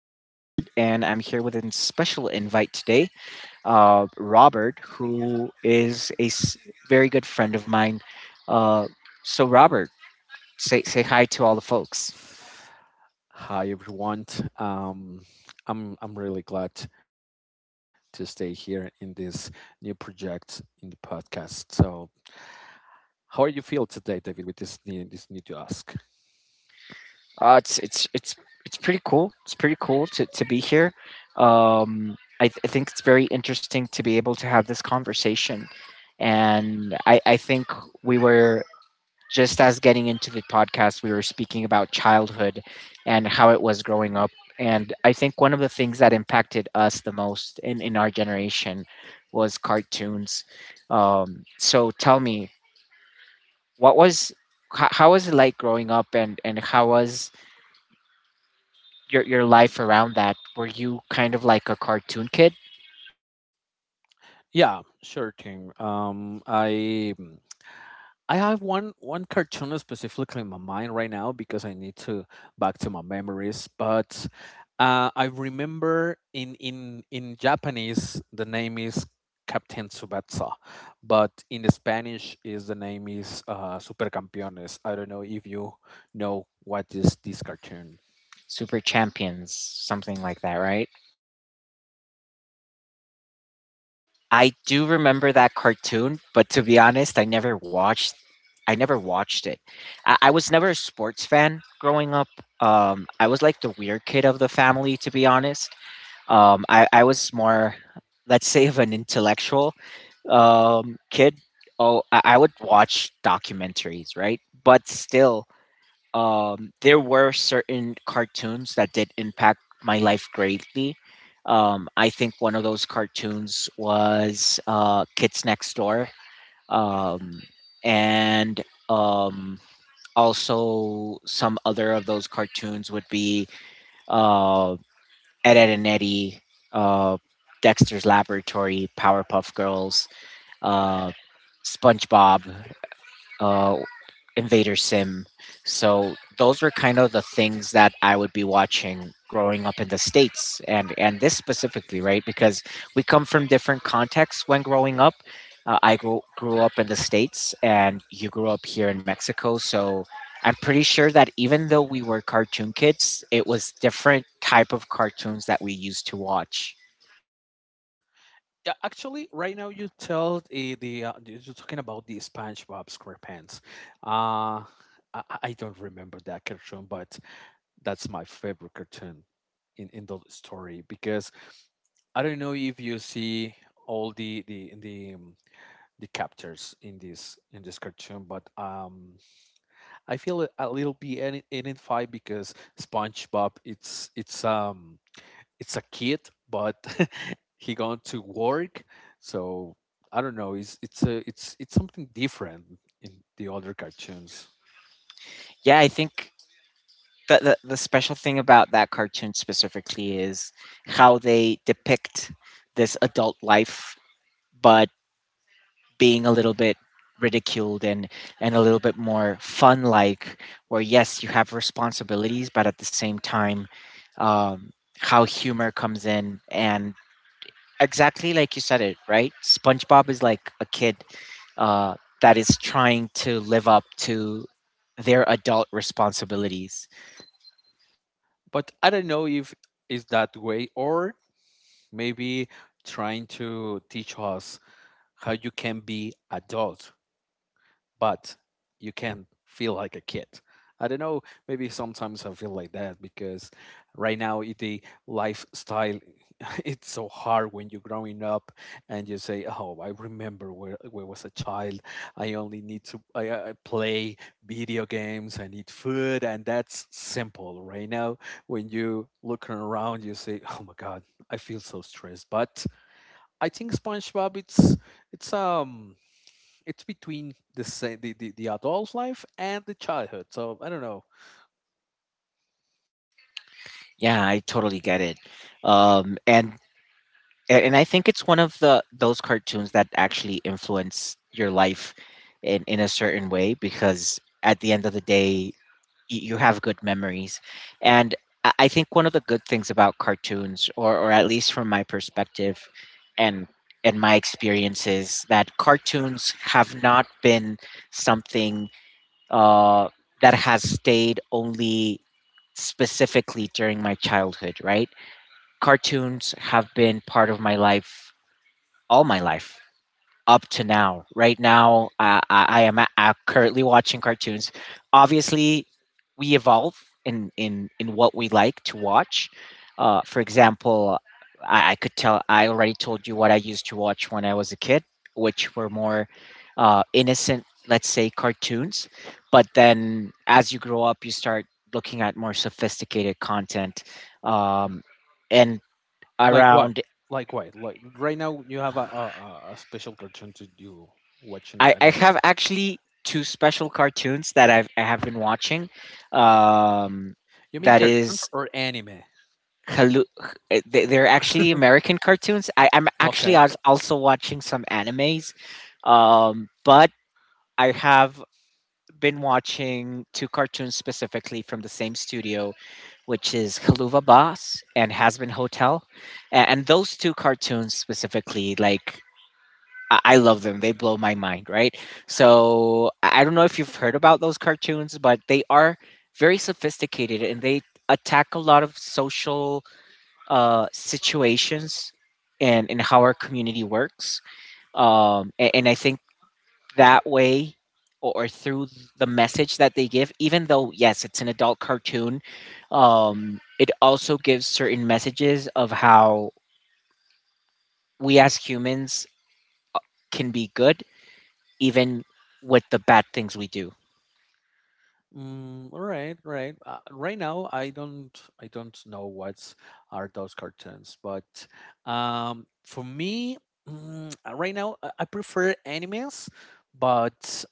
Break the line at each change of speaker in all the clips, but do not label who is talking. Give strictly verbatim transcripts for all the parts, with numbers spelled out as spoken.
host David, and I'm here with a special invite today, uh, Robert, who is a s- very good friend of mine. Uh, so, Robert, say say hi to all the folks.
Hi everyone. Um, I'm I'm really glad to stay here in this new project in the podcast. So, how are you feel today, David, with this new this new task?
Uh, it's it's it's it's pretty cool. It's pretty cool to to be here. Um, I, th- I think it's very interesting to be able to have this conversation, and I I think we were Just as getting into the podcast, we were speaking about childhood and how it was growing up. And I think one of the things that impacted us the most in, in our generation was cartoons. Um, so tell me, what was how, how was it like growing up, and and how was your your life around that? Were you kind of like a cartoon kid,
Yeah, sure thing. Um, I I have one one cartoon specifically in my mind right now because I need to back to my memories. But uh, I remember in in in Japanese the name is Captain Tsubasa, but in the Spanish is the name is uh, Super Campeones. I don't know if you know what is this cartoon.
super champions, something like that, right? I do remember that cartoon, but to be honest, I never watched I never watched it. I, I was never a sports fan growing up. Um, I was like the weird kid of the family, to be honest. Um, I, I was more, let's say, of an intellectual um, kid. Oh, I, I would watch documentaries, right? But still, um, there were certain cartoons that did impact my life greatly. Um, I think one of those cartoons was uh, Kids Next Door, um, and um, also some other of those cartoons would be uh, Ed, Ed and Eddie, uh, Dexter's Laboratory, Powerpuff Girls, uh, SpongeBob, uh, Invader Sim. So those were kind of the things that I would be watching growing up in the states and and this specifically, right? Because we come from different contexts when growing up. Uh, I grew, grew up in the states and you grew up here in Mexico, so I'm pretty sure that even though we were cartoon kids, it was different type of cartoons that we used to watch.
Yeah, actually, right now you tell the, the uh, you- you're talking about the SpongeBob SquarePants. Uh, I, I I don't remember that cartoon, but that's my favorite cartoon in in the story because I don't know if you see all the the the um, the captors in this in this cartoon, but um, I feel a a little bit in identified because SpongeBob it's it's um it's a kid, but he gone to work, so I don't know. It's it's a it's it's something different in the other cartoons,
Yeah, I think the, the the special thing about that cartoon specifically is how they depict this adult life, but being a little bit ridiculed and and a little bit more fun, like where yes, you have responsibilities, but at the same time, um, how humor comes in and, exactly like you said it, right, SpongeBob is like a kid uh that is trying to live up to their adult responsibilities.
but I don't know if it's that way or maybe trying to teach us how you can be adult, but you can feel like a kid. I don't know, maybe sometimes I feel like that because right now i- the lifestyle it's so hard when you're growing up and you say, "Oh, I remember where where I was a child. I only need to I, I play video games, I need food, and that's simple." Right now, when you look around, you say, "Oh my God, I feel so stressed," but I think SpongeBob it's it's um it's between the sa- the, the the adult life and the childhood. So I don't know,
Yeah, I totally get it. Um, and a- and I think it's one of the those cartoons that actually influence your life in in a certain way because at the end of the day, y- you have good memories. And I I think one of the good things about cartoons, or or at least from my perspective, and and my experience, is that cartoons have not been something uh, that has stayed only specifically during my childhood, right? Cartoons have been part of my life all my life up to now. Right now, uh, I, I am a- uh, currently watching cartoons. Obviously, we evolve in in in what we like to watch. Uh, for example, I, I could tell. I already told you what I used to watch when I was a kid, which were more uh, innocent, let's say, cartoons. But then, as you grow up, you start looking at more sophisticated content. Um, and
like what,
around
like what, like right now you have a a, a a special cartoon to you watching it.
I,
I
I
don't know.
have actually two special cartoons that I've, I have been watching. Um,
You mean
that
cartoons
is
or anime?
hallu- h- they- They're actually American cartoons. I, I'm actually
Okay.
als- also watching some animes, um, but I have been watching two cartoons specifically from the same studio, which is Haluva Boss and Has Been Hotel, and, and those two cartoons specifically, like I I love them. They blow my mind, right? So I I don't know if you've heard about those cartoons, but they are very sophisticated and they attack a lot of social uh, situations and, and how our community works. Um, a- and, I think that way or, or through the message that they give, even though, yes, it's an adult cartoon, um, it also gives certain messages of how we as humans can be good even with the bad things we do.
Mm, all right, right. Uh, right now, I don't, I don't know what are those cartoons, but um, for me, mm, uh, right now, I I prefer animes, but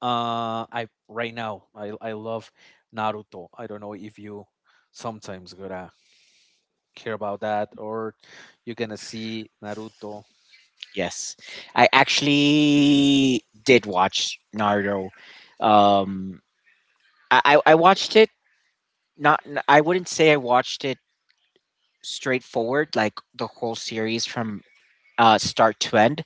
uh, I right now, I I love Naruto. I don't know if you sometimes gonna care about that or you're gonna see Naruto.
Yes, I actually did watch Naruto. Um, I I I watched it. Not I wouldn't say I watched it straightforward, like the whole series from uh, start to end.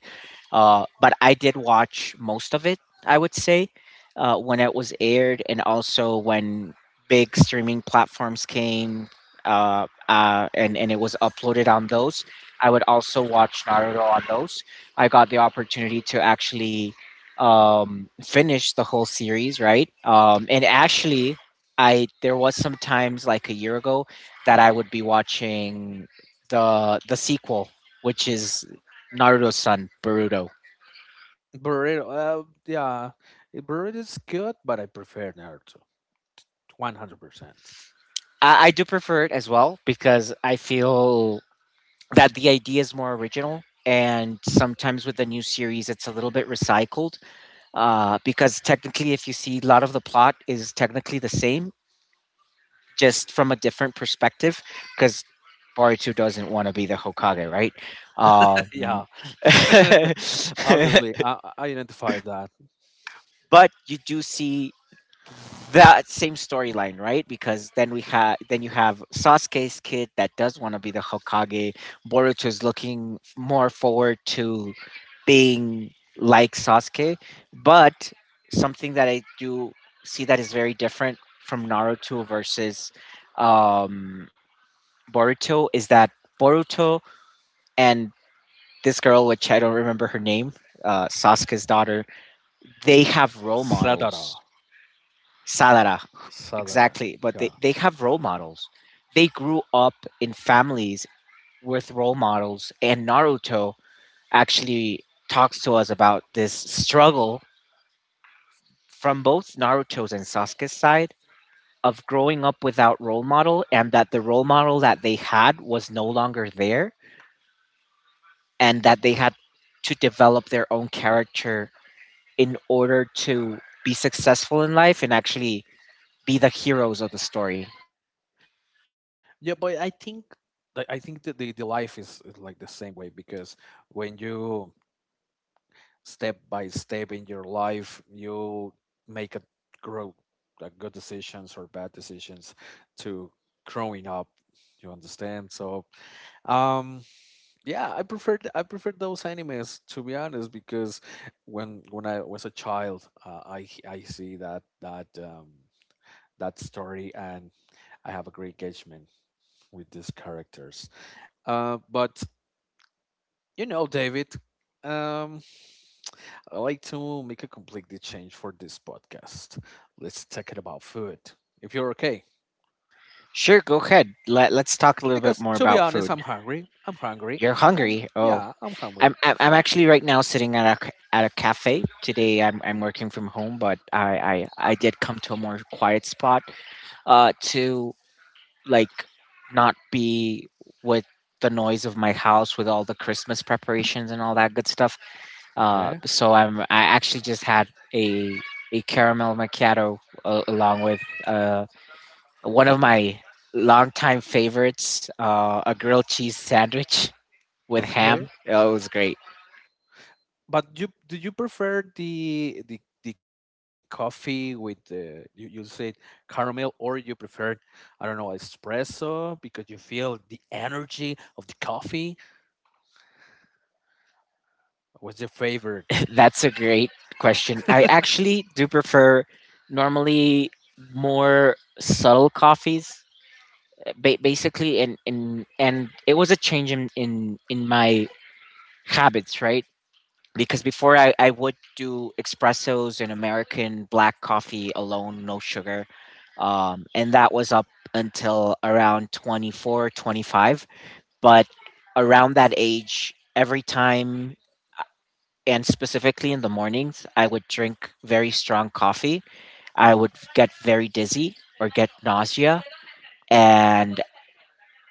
Uh, but I did watch most of it, I would say, uh, when it was aired and also when big streaming platforms came, uh, uh, and, and it was uploaded on those. I would also watch Naruto on those. I got the opportunity to actually um, finish the whole series, right? Um, and actually, I there was some times like a year ago that I would be watching the the sequel, which is Naruto's son Boruto.
Boruto, uh, yeah, Boruto is good, but I prefer Naruto, one hundred percent.
I, I do prefer it as well because I feel that the idea is more original. And sometimes with the new series, it's a little bit recycled, uh, because technically, if you see, a lot of the plot is technically the same, just from a different perspective. Because Boruto doesn't want to be the Hokage, right? Um,
Yeah. Obviously, I, I identify that
but you do see that same storyline, right? Because then we have then you have Sasuke's kid that does want to be the Hokage. Boruto is looking more forward to being like Sasuke, but something that I do see that is very different from Naruto versus um, Boruto is that Boruto and this girl, which I don't remember her name, uh, Sasuke's daughter, they have role
Sadara,
models. Salara,
Sadara.
exactly. But they,
Yeah,
they have role models. They grew up in families with role models, and Naruto actually talks to us about this struggle from both Naruto's and Sasuke's side of growing up without role model, and that the role model that they had was no longer there, and that they had to develop their own character in order to be successful in life and actually be the heroes of the story.
yeah, but I think I I think that the the life is is like the same way because when you step by step in your life, you make a grow like good decisions or bad decisions to growing up. You understand? So, um, Yeah, I preferred I preferred those animes to be honest because when when I was a child, uh, I h- I see that that um, that story and I have a great engagement with these characters. Uh, but you know, David, um, I like to make a completely change for this podcast. Let's talk it about food, if you're okay.
Sure, go ahead. Let, let's talk a little bit
Because
more
to be
about
honest, I'm
food.
hungry. I'm hungry.
You're
Um,
hungry. Oh,
yeah, I'm hungry.
I'm, I'm, I'm actually right now sitting at a, c- at a cafe. Today I'm, I'm working from home, but I, I, I did come to a more quiet spot uh, to, like, not be with the noise of my house with all the Christmas preparations and all that good stuff. Uh,
Okay.
so I'm I actually just had a a caramel macchiato uh, along with uh, one of my longtime favorites, uh, a grilled cheese sandwich with
Okay.
ham. Oh, it was great.
But you do you prefer the the the coffee with the you, you said caramel or you prefer I don't know espresso because you feel the energy of the coffee? What's your favorite?
That's a great question. I actually do prefer, normally, more subtle coffees, eh, ba- basically, and and and it was a change in in in my habits, right? Because before, I, I would do espressos and American black coffee alone, no sugar. Um, and that was up until around twenty four, twenty five. But around that age, every time, and specifically in the mornings, I would drink very strong coffee. I would get very dizzy or get nausea. And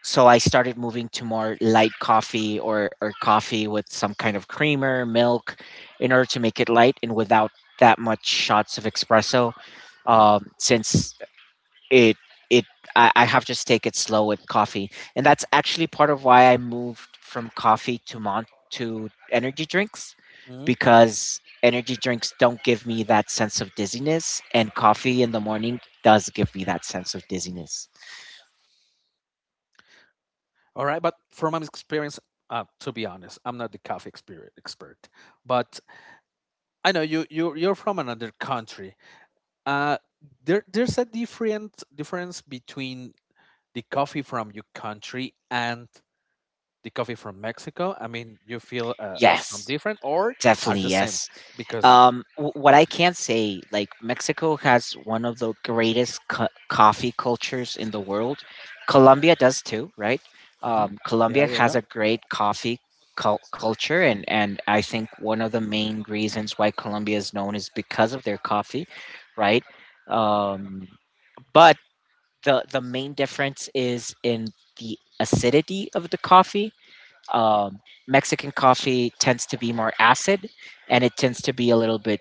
so I started moving to more light coffee, or, or coffee with some kind of creamer, milk, in order to make it light and without that much shots of espresso, um, since it it I, I have just take it slow with coffee, and that's actually part of why I moved from coffee to mon to energy drinks,
Mhm.
because energy drinks don't give me that sense of dizziness, and coffee in the morning does give me that sense of dizziness.
All right, but from my experience, uh, to be honest, I'm not the coffee expert expert, but I know you you you're from another country. Uh, there there's a different difference between the coffee from your country and the coffee from Mexico? I mean, you feel uh, uh, some
Yes,
different or are
definitely
the same?
yes.
Because
Um, w- what I can say, like, Mexico has one of the greatest co- coffee cultures in the world. Colombia does too, right?
hmm,
Um,
yeah,
Colombia
yeah,
has
yeah.
a great coffee cul- culture, and and I think one of the main reasons why Colombia is known is because of their coffee, right? Um, but the the main difference is in the acidity of the coffee. Um, Mexican coffee tends to be more acid, and it tends to be a little bit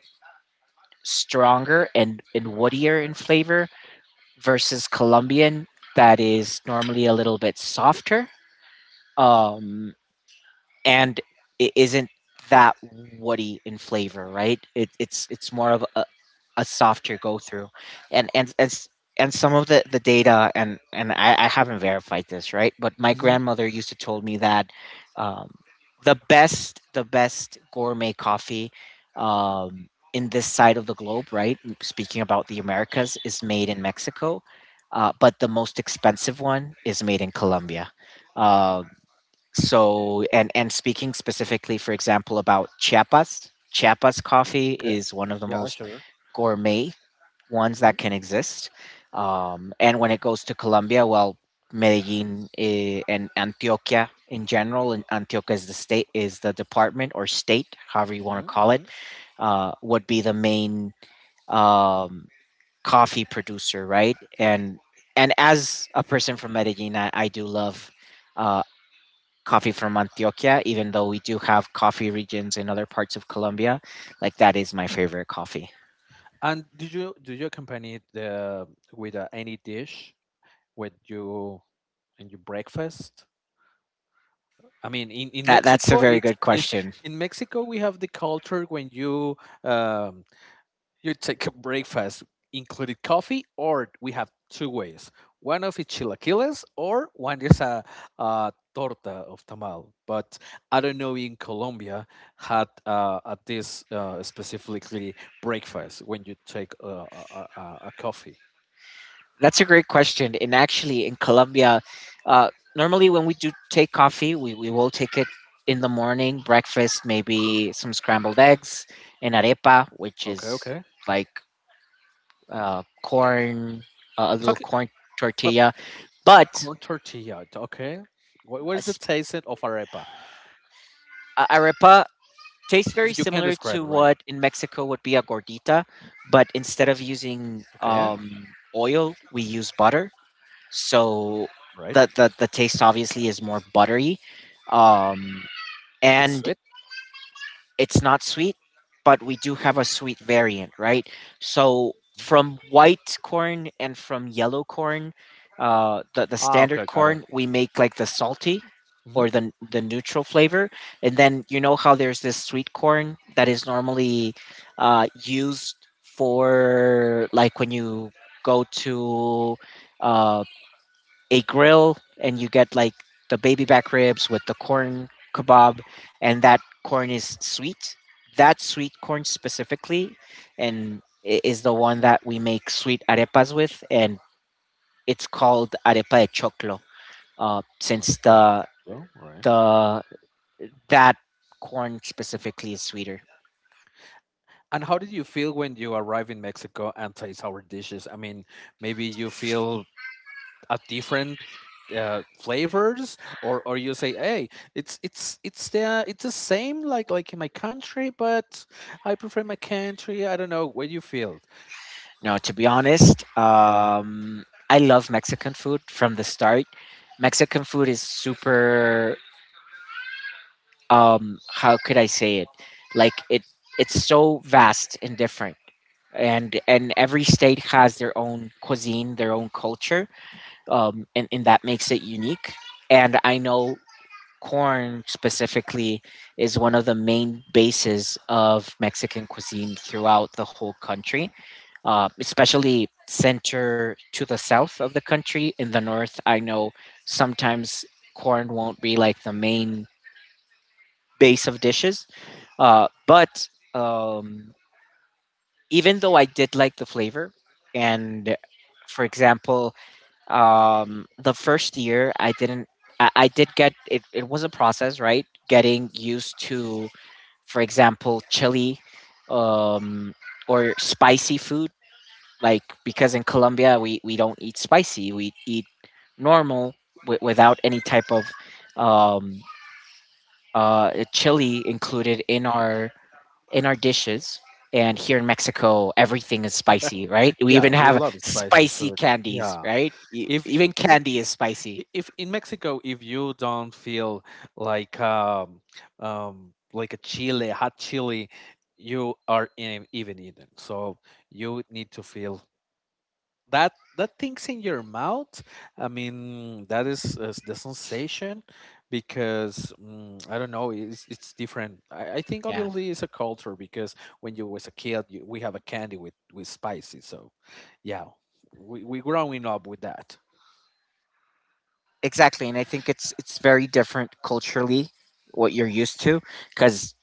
stronger and, and woodier in flavor versus Colombian, that is normally a little bit softer, um, and it isn't that woody in flavor, right? It, it's it's more of a, a softer go through. And and and, s- and some of the, the data, and and I, I haven't verified this, right, but my
Hmm.
grandmother used to told me that um, the best the best gourmet coffee, um, in this side of the globe, right, speaking about the Americas, is made in Mexico, uh, but the most expensive one is made in Colombia. Uh, so and and speaking specifically, for example, about Chiapas, Chiapas coffee
Okay,
is one of the
yeah,
most
sure.
gourmet ones
Hmm.
that can exist. Um, and when it goes to Colombia, well, Medellin, eh, and Antioquia in general, and Antioquia is the state, is the department or state, however you want to
Hmm.
call it,
Hmm.
uh, would be the main um, coffee producer, right? And and as a person from Medellin, I, I do love. Uh, coffee from Antioquia, even though we do have coffee regions in other parts of Colombia. Like that is my favorite coffee.
And do you do you accompany it uh, with uh, any dish with you in your breakfast? I mean, in, in
That that's a
Mexico,
very
it's
good
it's
question.
in Mexico we have the culture when you um, you take a breakfast including coffee, or we have two ways. One of it chilaquiles, or one is a, a torta of tamal. But I don't know in Colombia had uh, at this uh, specifically breakfast when you take a, a, a, a a coffee.
That's a great question. And actually, in Colombia, uh, normally when we do take coffee, we, we will take it in the morning, breakfast, maybe some scrambled eggs, and arepa, which is
Okay, okay.
like uh, corn, uh, a little
Talk
corn
about
tortilla. But
corn tortilla. Okay, what, what
uh,
is the taste of arepa?
uh, Arepa tastes very
If you can
similar
describe
to
it, right?
what in Mexico would be a gordita, but instead of
Okay,
using um, oil, we use butter, so
right.
the the, the taste obviously is more buttery, um
It's
and
sweet.
it's not sweet, but we do have a sweet variant, right? So from white corn and from yellow corn, uh the, the
Ah,
standard
okay, got it.
corn, we make like the salty
Mm-hmm.
or the the neutral flavor. And then you know how there's this sweet corn that is normally uh used for, like, when you go to um a grill and you get like the baby back ribs with the corn kebab, and that corn is sweet, that sweet corn specifically, and i- is the one that we make sweet arepas with, and it's called arepa de choclo, uh, since
Arepa de
the
choclo, right?
the that corn specifically is sweeter.
And how did you feel when you arrive in Mexico and taste our dishes? I mean, maybe you feel a different uh, flavors, or or you say, "Hey, it's it's it's the it's the same like like in my country, but I prefer my country." I don't know what you feel.
Now, to be honest,
Yeah,
um, I love Mexican food from the start. Mexican food is super, um how could i say it like, it it's so vast and different, and and every state has their own cuisine, their own culture, um and, and that makes it unique. And I know corn specifically is one of the main bases of Mexican cuisine throughout the whole country, uh, especially center to the south of the country. In the north, I know sometimes corn won't be like the main base of dishes, uh, but um, even though I did like the flavor, and, for example, um, the first year I didn't, I, I did get it, it was a process, right? Getting used to, for example, chili um, or spicy food. Like, because in Colombia, we, we don't eat spicy, we eat normal, w- without any type of um, uh, chili included in our in our dishes. And here in Mexico, everything is spicy, right? We
yeah,
even
we
have
love spicy
spicy
food.
candies,
Yeah,
right? E-
if I-
Even
w-
candy is
I-
spicy.
if in Mexico, if you don't feel like um, um, like a chili, hot chili, you are in, even eaten. So you need to feel that that thing's in your mouth. I mean, that is, is the sensation because mm, I don't know, it's it's different. I, I think
Yeah,
obviously it's a culture because when you was a kid, you, we have a candy with with spicy. So yeah, we we growing up with that.
exactly. And I think it's it's very different culturally what you're used to, because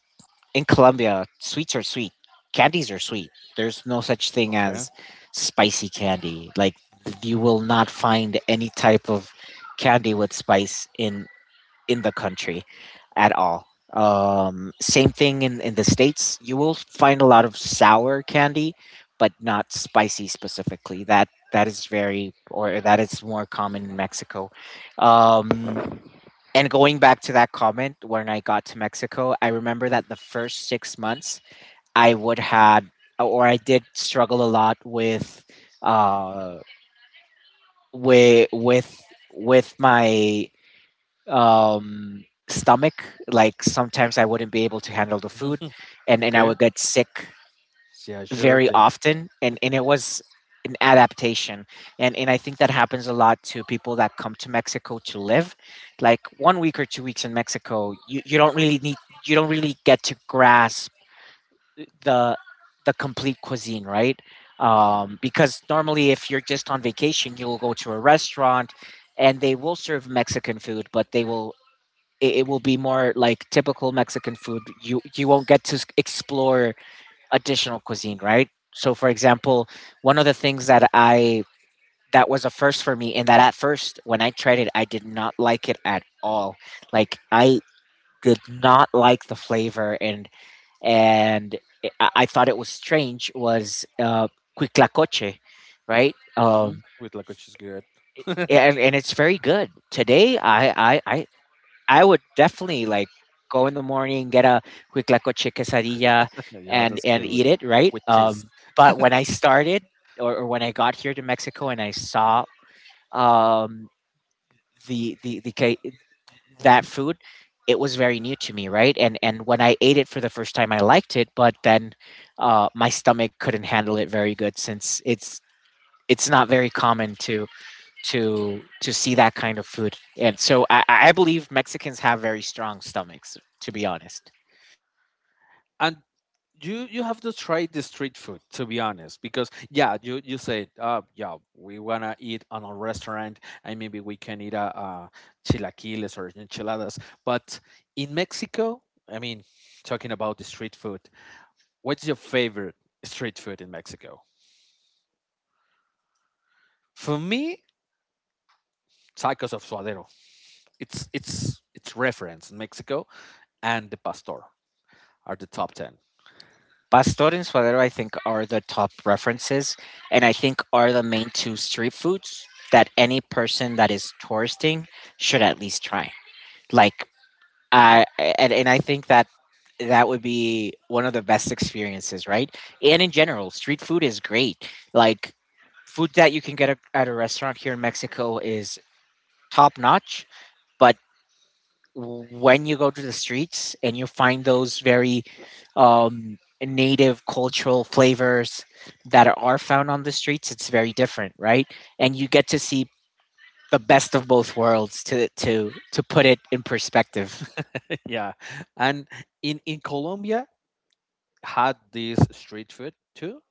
in Colombia, sweets are sweet, candies are sweet. There's no such thing
Okay.
as spicy candy. Like, th- you will not find any type of candy with spice in in the country at all. Um, same thing in, in the States. You will find a lot of sour candy, but not spicy specifically. That that is very, or that is more common in Mexico. Um, and going back to that comment, when I got to Mexico, I remember that the first six months I would had or I did struggle a lot with uh with with with my um, stomach. Like, sometimes I wouldn't be able to handle the food, and and I
Okay.
would get sick
Yeah, sure
very
thing.
often. And and it was an adaptation, and and I think that happens a lot to people that come to Mexico to live. Like, one week or two weeks in Mexico, you you don't really need you don't really get to grasp the the complete cuisine, right? Um, because normally, if you're just on vacation, you'll go to a restaurant and they will serve Mexican food, but they will it, it will be more like typical Mexican food. You you won't get to s- explore additional cuisine, right? So, for example, one of the things that I that was a first for me, and that at first when I tried it, I did not like it at all. Like, I did not like the flavor, and and it- I, I thought it was strange. Was uh, cuiclacoche, right?
Hmm.
Um,
With like which is good.
and and it's very good. Today, I I I I would definitely like go in the morning, get a quick la coche quesadilla,
Yeah,
and
that's good,
and
really
eat
good.
it, right?
With cheese.
Um, but when I started, or, or when I got here to Mexico, and I saw um, the the the ca- that food, it was very new to me, right? And and when I ate it for the first time, I liked it, but then uh, my stomach couldn't handle it very good, since it's it's not very common to to to see that kind of food. And so I, I believe Mexicans have very strong stomachs, to be honest.
And you you have to try the street food to be honest because yeah you you said uh yeah we wanna eat on a restaurant and maybe we can eat a, uh chilaquiles or enchiladas but in Mexico I mean talking about the street food what's your favorite street food in Mexico for me tacos of suadero it's it's it's reference in Mexico and the pastor are the top ten.
Pastor and suadero, I think, are the top references, and I think are the main two street foods that any person that is touristing should at least try. Like, I and, and I think that that would be one of the best experiences, right? And in general, street food is great. Like, food that you can get a-, at a restaurant here in Mexico is top notch, but when you go to the streets and you find those very um, native cultural flavors that are found on the streets, it's very different, right? And you get to see the best of both worlds, to to to put it in perspective.
Yeah, and in in Colombia had this street food too.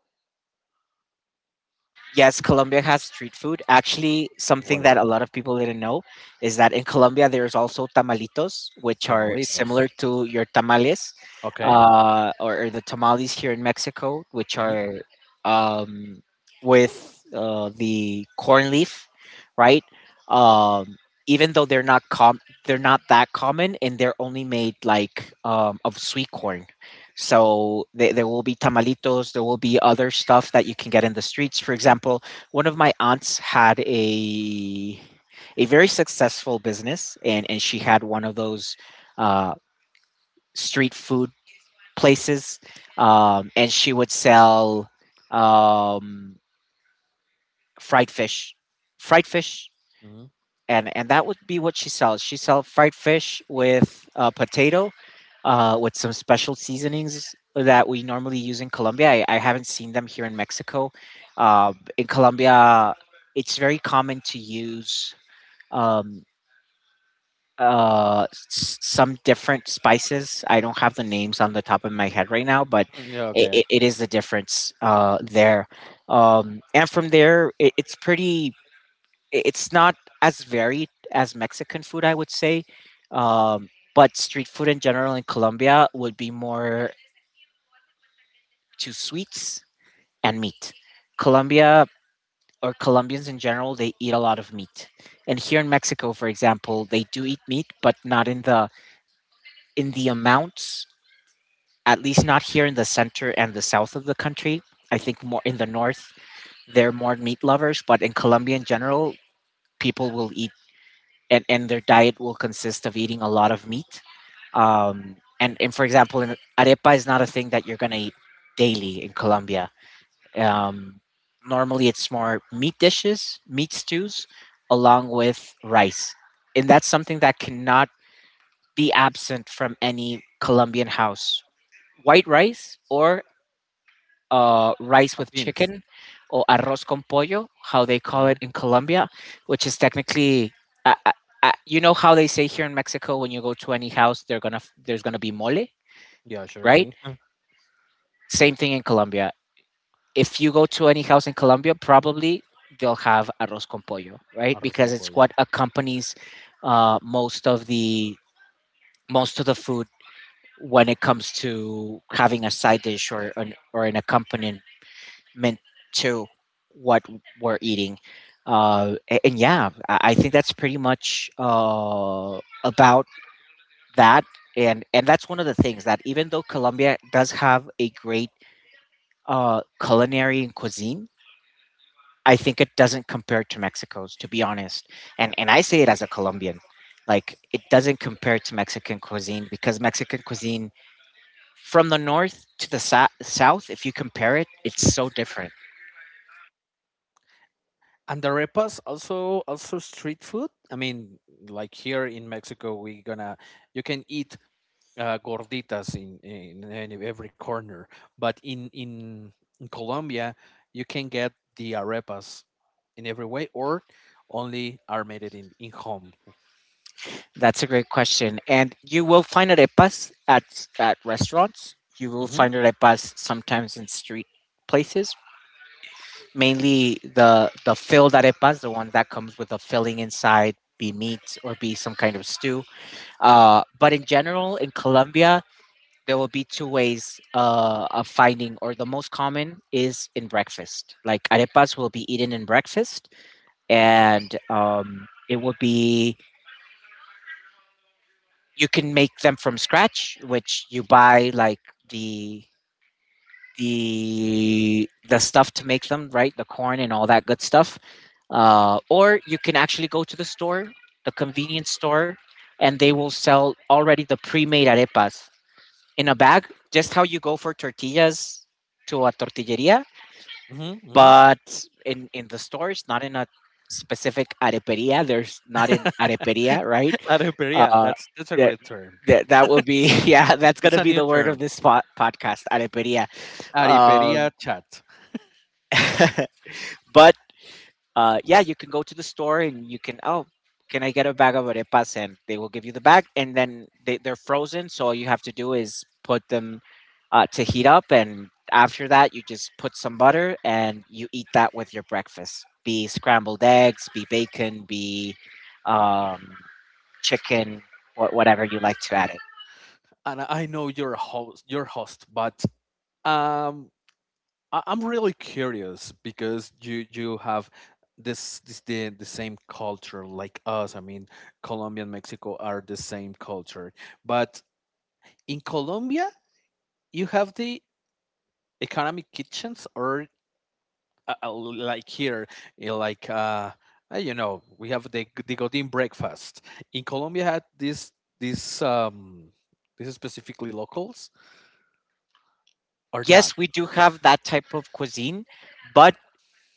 Yes, Colombia has street food. Actually, something
What are
that a lot of people didn't know is that in Colombia there's also tamalitos, which are similar
tamalitos?
to your tamales,
Okay.
uh, or, or the tamales here in Mexico, which
Hmm.
are um, with uh, the corn leaf, right? Um, even though they're not com- they're not that common, and they're only made like um, of sweet corn. So they, there will be tamalitos, there will be other stuff that you can get in the streets. For example, one of my aunts had a a very successful business, and and she had one of those uh, street food places, um, and she would sell um, fried fish, fried fish
Hmm.
and and that would be what she sells. She sells fried fish with uh, potato, uh, with some special seasonings that we normally use in Colombia. I, I haven't seen them here in Mexico. Uh, in Colombia, it's very common to use um, uh, s- some different spices. I don't have the names on the top of my head right now, but
Yeah. Okay.
it, it is the difference uh, there. Um, and from there, it, it's pretty i- it's not as varied as Mexican food, I would say. Um, but street food in general in Colombia would be more to sweets and meat. Colombia, or Colombians in general, they eat a lot of meat. And here in Mexico, for example, they do eat meat, but not in the in the amounts, at least not here in the center and the south of the country. I think more in the north, they're more meat lovers, but in Colombia in general, people will eat and and their diet will consist of eating a lot of meat. Um, and and for example, in, arepa is not a thing that you're gonna eat daily in Colombia. Um, normally, it's more meat dishes, meat stews, along with rice, and that's something that cannot be absent from any Colombian house. White rice or uh, rice
Uh,
with
beans.
chicken, or arroz con pollo, how they call
Alright.
it in Colombia, which is technically, uh, uh, uh, you know how they say here in Mexico when you go to any house, they're gonna f- there's gonna be mole,
Yeah, sure
right?
thing.
Same thing in Colombia. If you go to any house in Colombia, probably they'll have arroz con pollo, right?
Arroz con
Because it's
pollo.
what accompanies uh, most of the most of the food when it comes to having a side dish or an, or an accompaniment meant to what we're eating. Uh, a- and yeah, I I think that's pretty much uh, about that. And and that's one of the things that, even though Colombia does have a great uh, culinary and cuisine, I think it doesn't compare to Mexico's, to be honest. And and I say it as a Colombian, like it doesn't compare to Mexican cuisine, because Mexican cuisine from the north to the sa- south, if you compare it, it's so different.
And the arepas also also street food. I mean, like here in Mexico, we gonna you can eat uh, gorditas in, in any, every corner. But in, in in Colombia, you can get the arepas in every way, or only are made it in in home.
That's a great question. And you will find arepas at, at restaurants. You will
Hmm.
find arepas sometimes in street places, mainly the, the filled arepas, the one that comes with a filling inside, be meat or be some kind of stew. Uh, but in general, in Colombia, there will be two ways uh, of finding, or the most common is in breakfast. Like, arepas will be eaten in breakfast, and um, it will be, you can make them from scratch, which you buy like the the the stuff to make them, right? The corn and all that good stuff. Uh, or you can actually go to the store, the convenience store, and they will sell already the pre-made arepas in a bag, just how you go for tortillas to a tortilleria,
Hmm. Hmm.
but in in the stores, not in a specific areperia. There's not an areperia, right?
Areperia.
Uh,
That's that's a
that
great term.
that that will be yeah. That's
It's
gonna
a
be
new
the word of
term.
this spot podcast: areperia.
Ariperia
Um,
chat.
but uh, yeah, you can go to the store and you can, oh, can I get a bag of arepas? And they will give you the bag, and then they, they're frozen. So all you have to do is put them uh, to heat up, and after that, you just put some butter and you eat that with your breakfast. Be scrambled eggs, be bacon, be um, chicken, or whatever you like to add it.
And I know you're a host, your host, but um, I- I'm really curious because you you have this this the, the same culture like us. I mean, Colombia and Mexico are the same culture, but in Colombia you have the economic kitchens or uh, uh, like here you know, like uh uh, you know we have the g- the godin breakfast in Colombia had this this um this is specifically locals or not
Yes, we do have that type of cuisine, but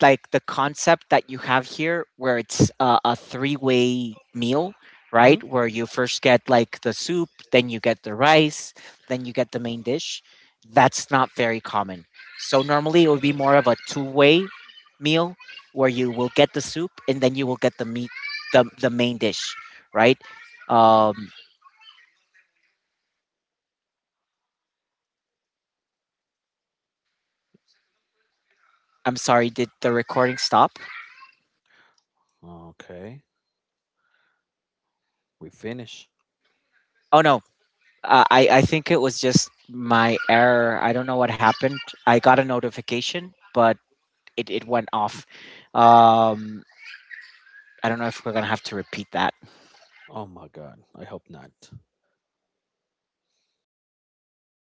like, the concept that you have here where it's uh, a three-way meal, right, where you first get like the soup, then you get the rice, then you get the main dish, that's not very common. So normally it would be more of a two-way meal, where you will get the soup and then you will get the meat, the, the main dish, right? Um, I'm sorry, did the recording stop? Oh no, uh, i i think it was just my error. I don't know what happened. I got a notification, but it it went off. Um, I don't know if we're gonna have to repeat that.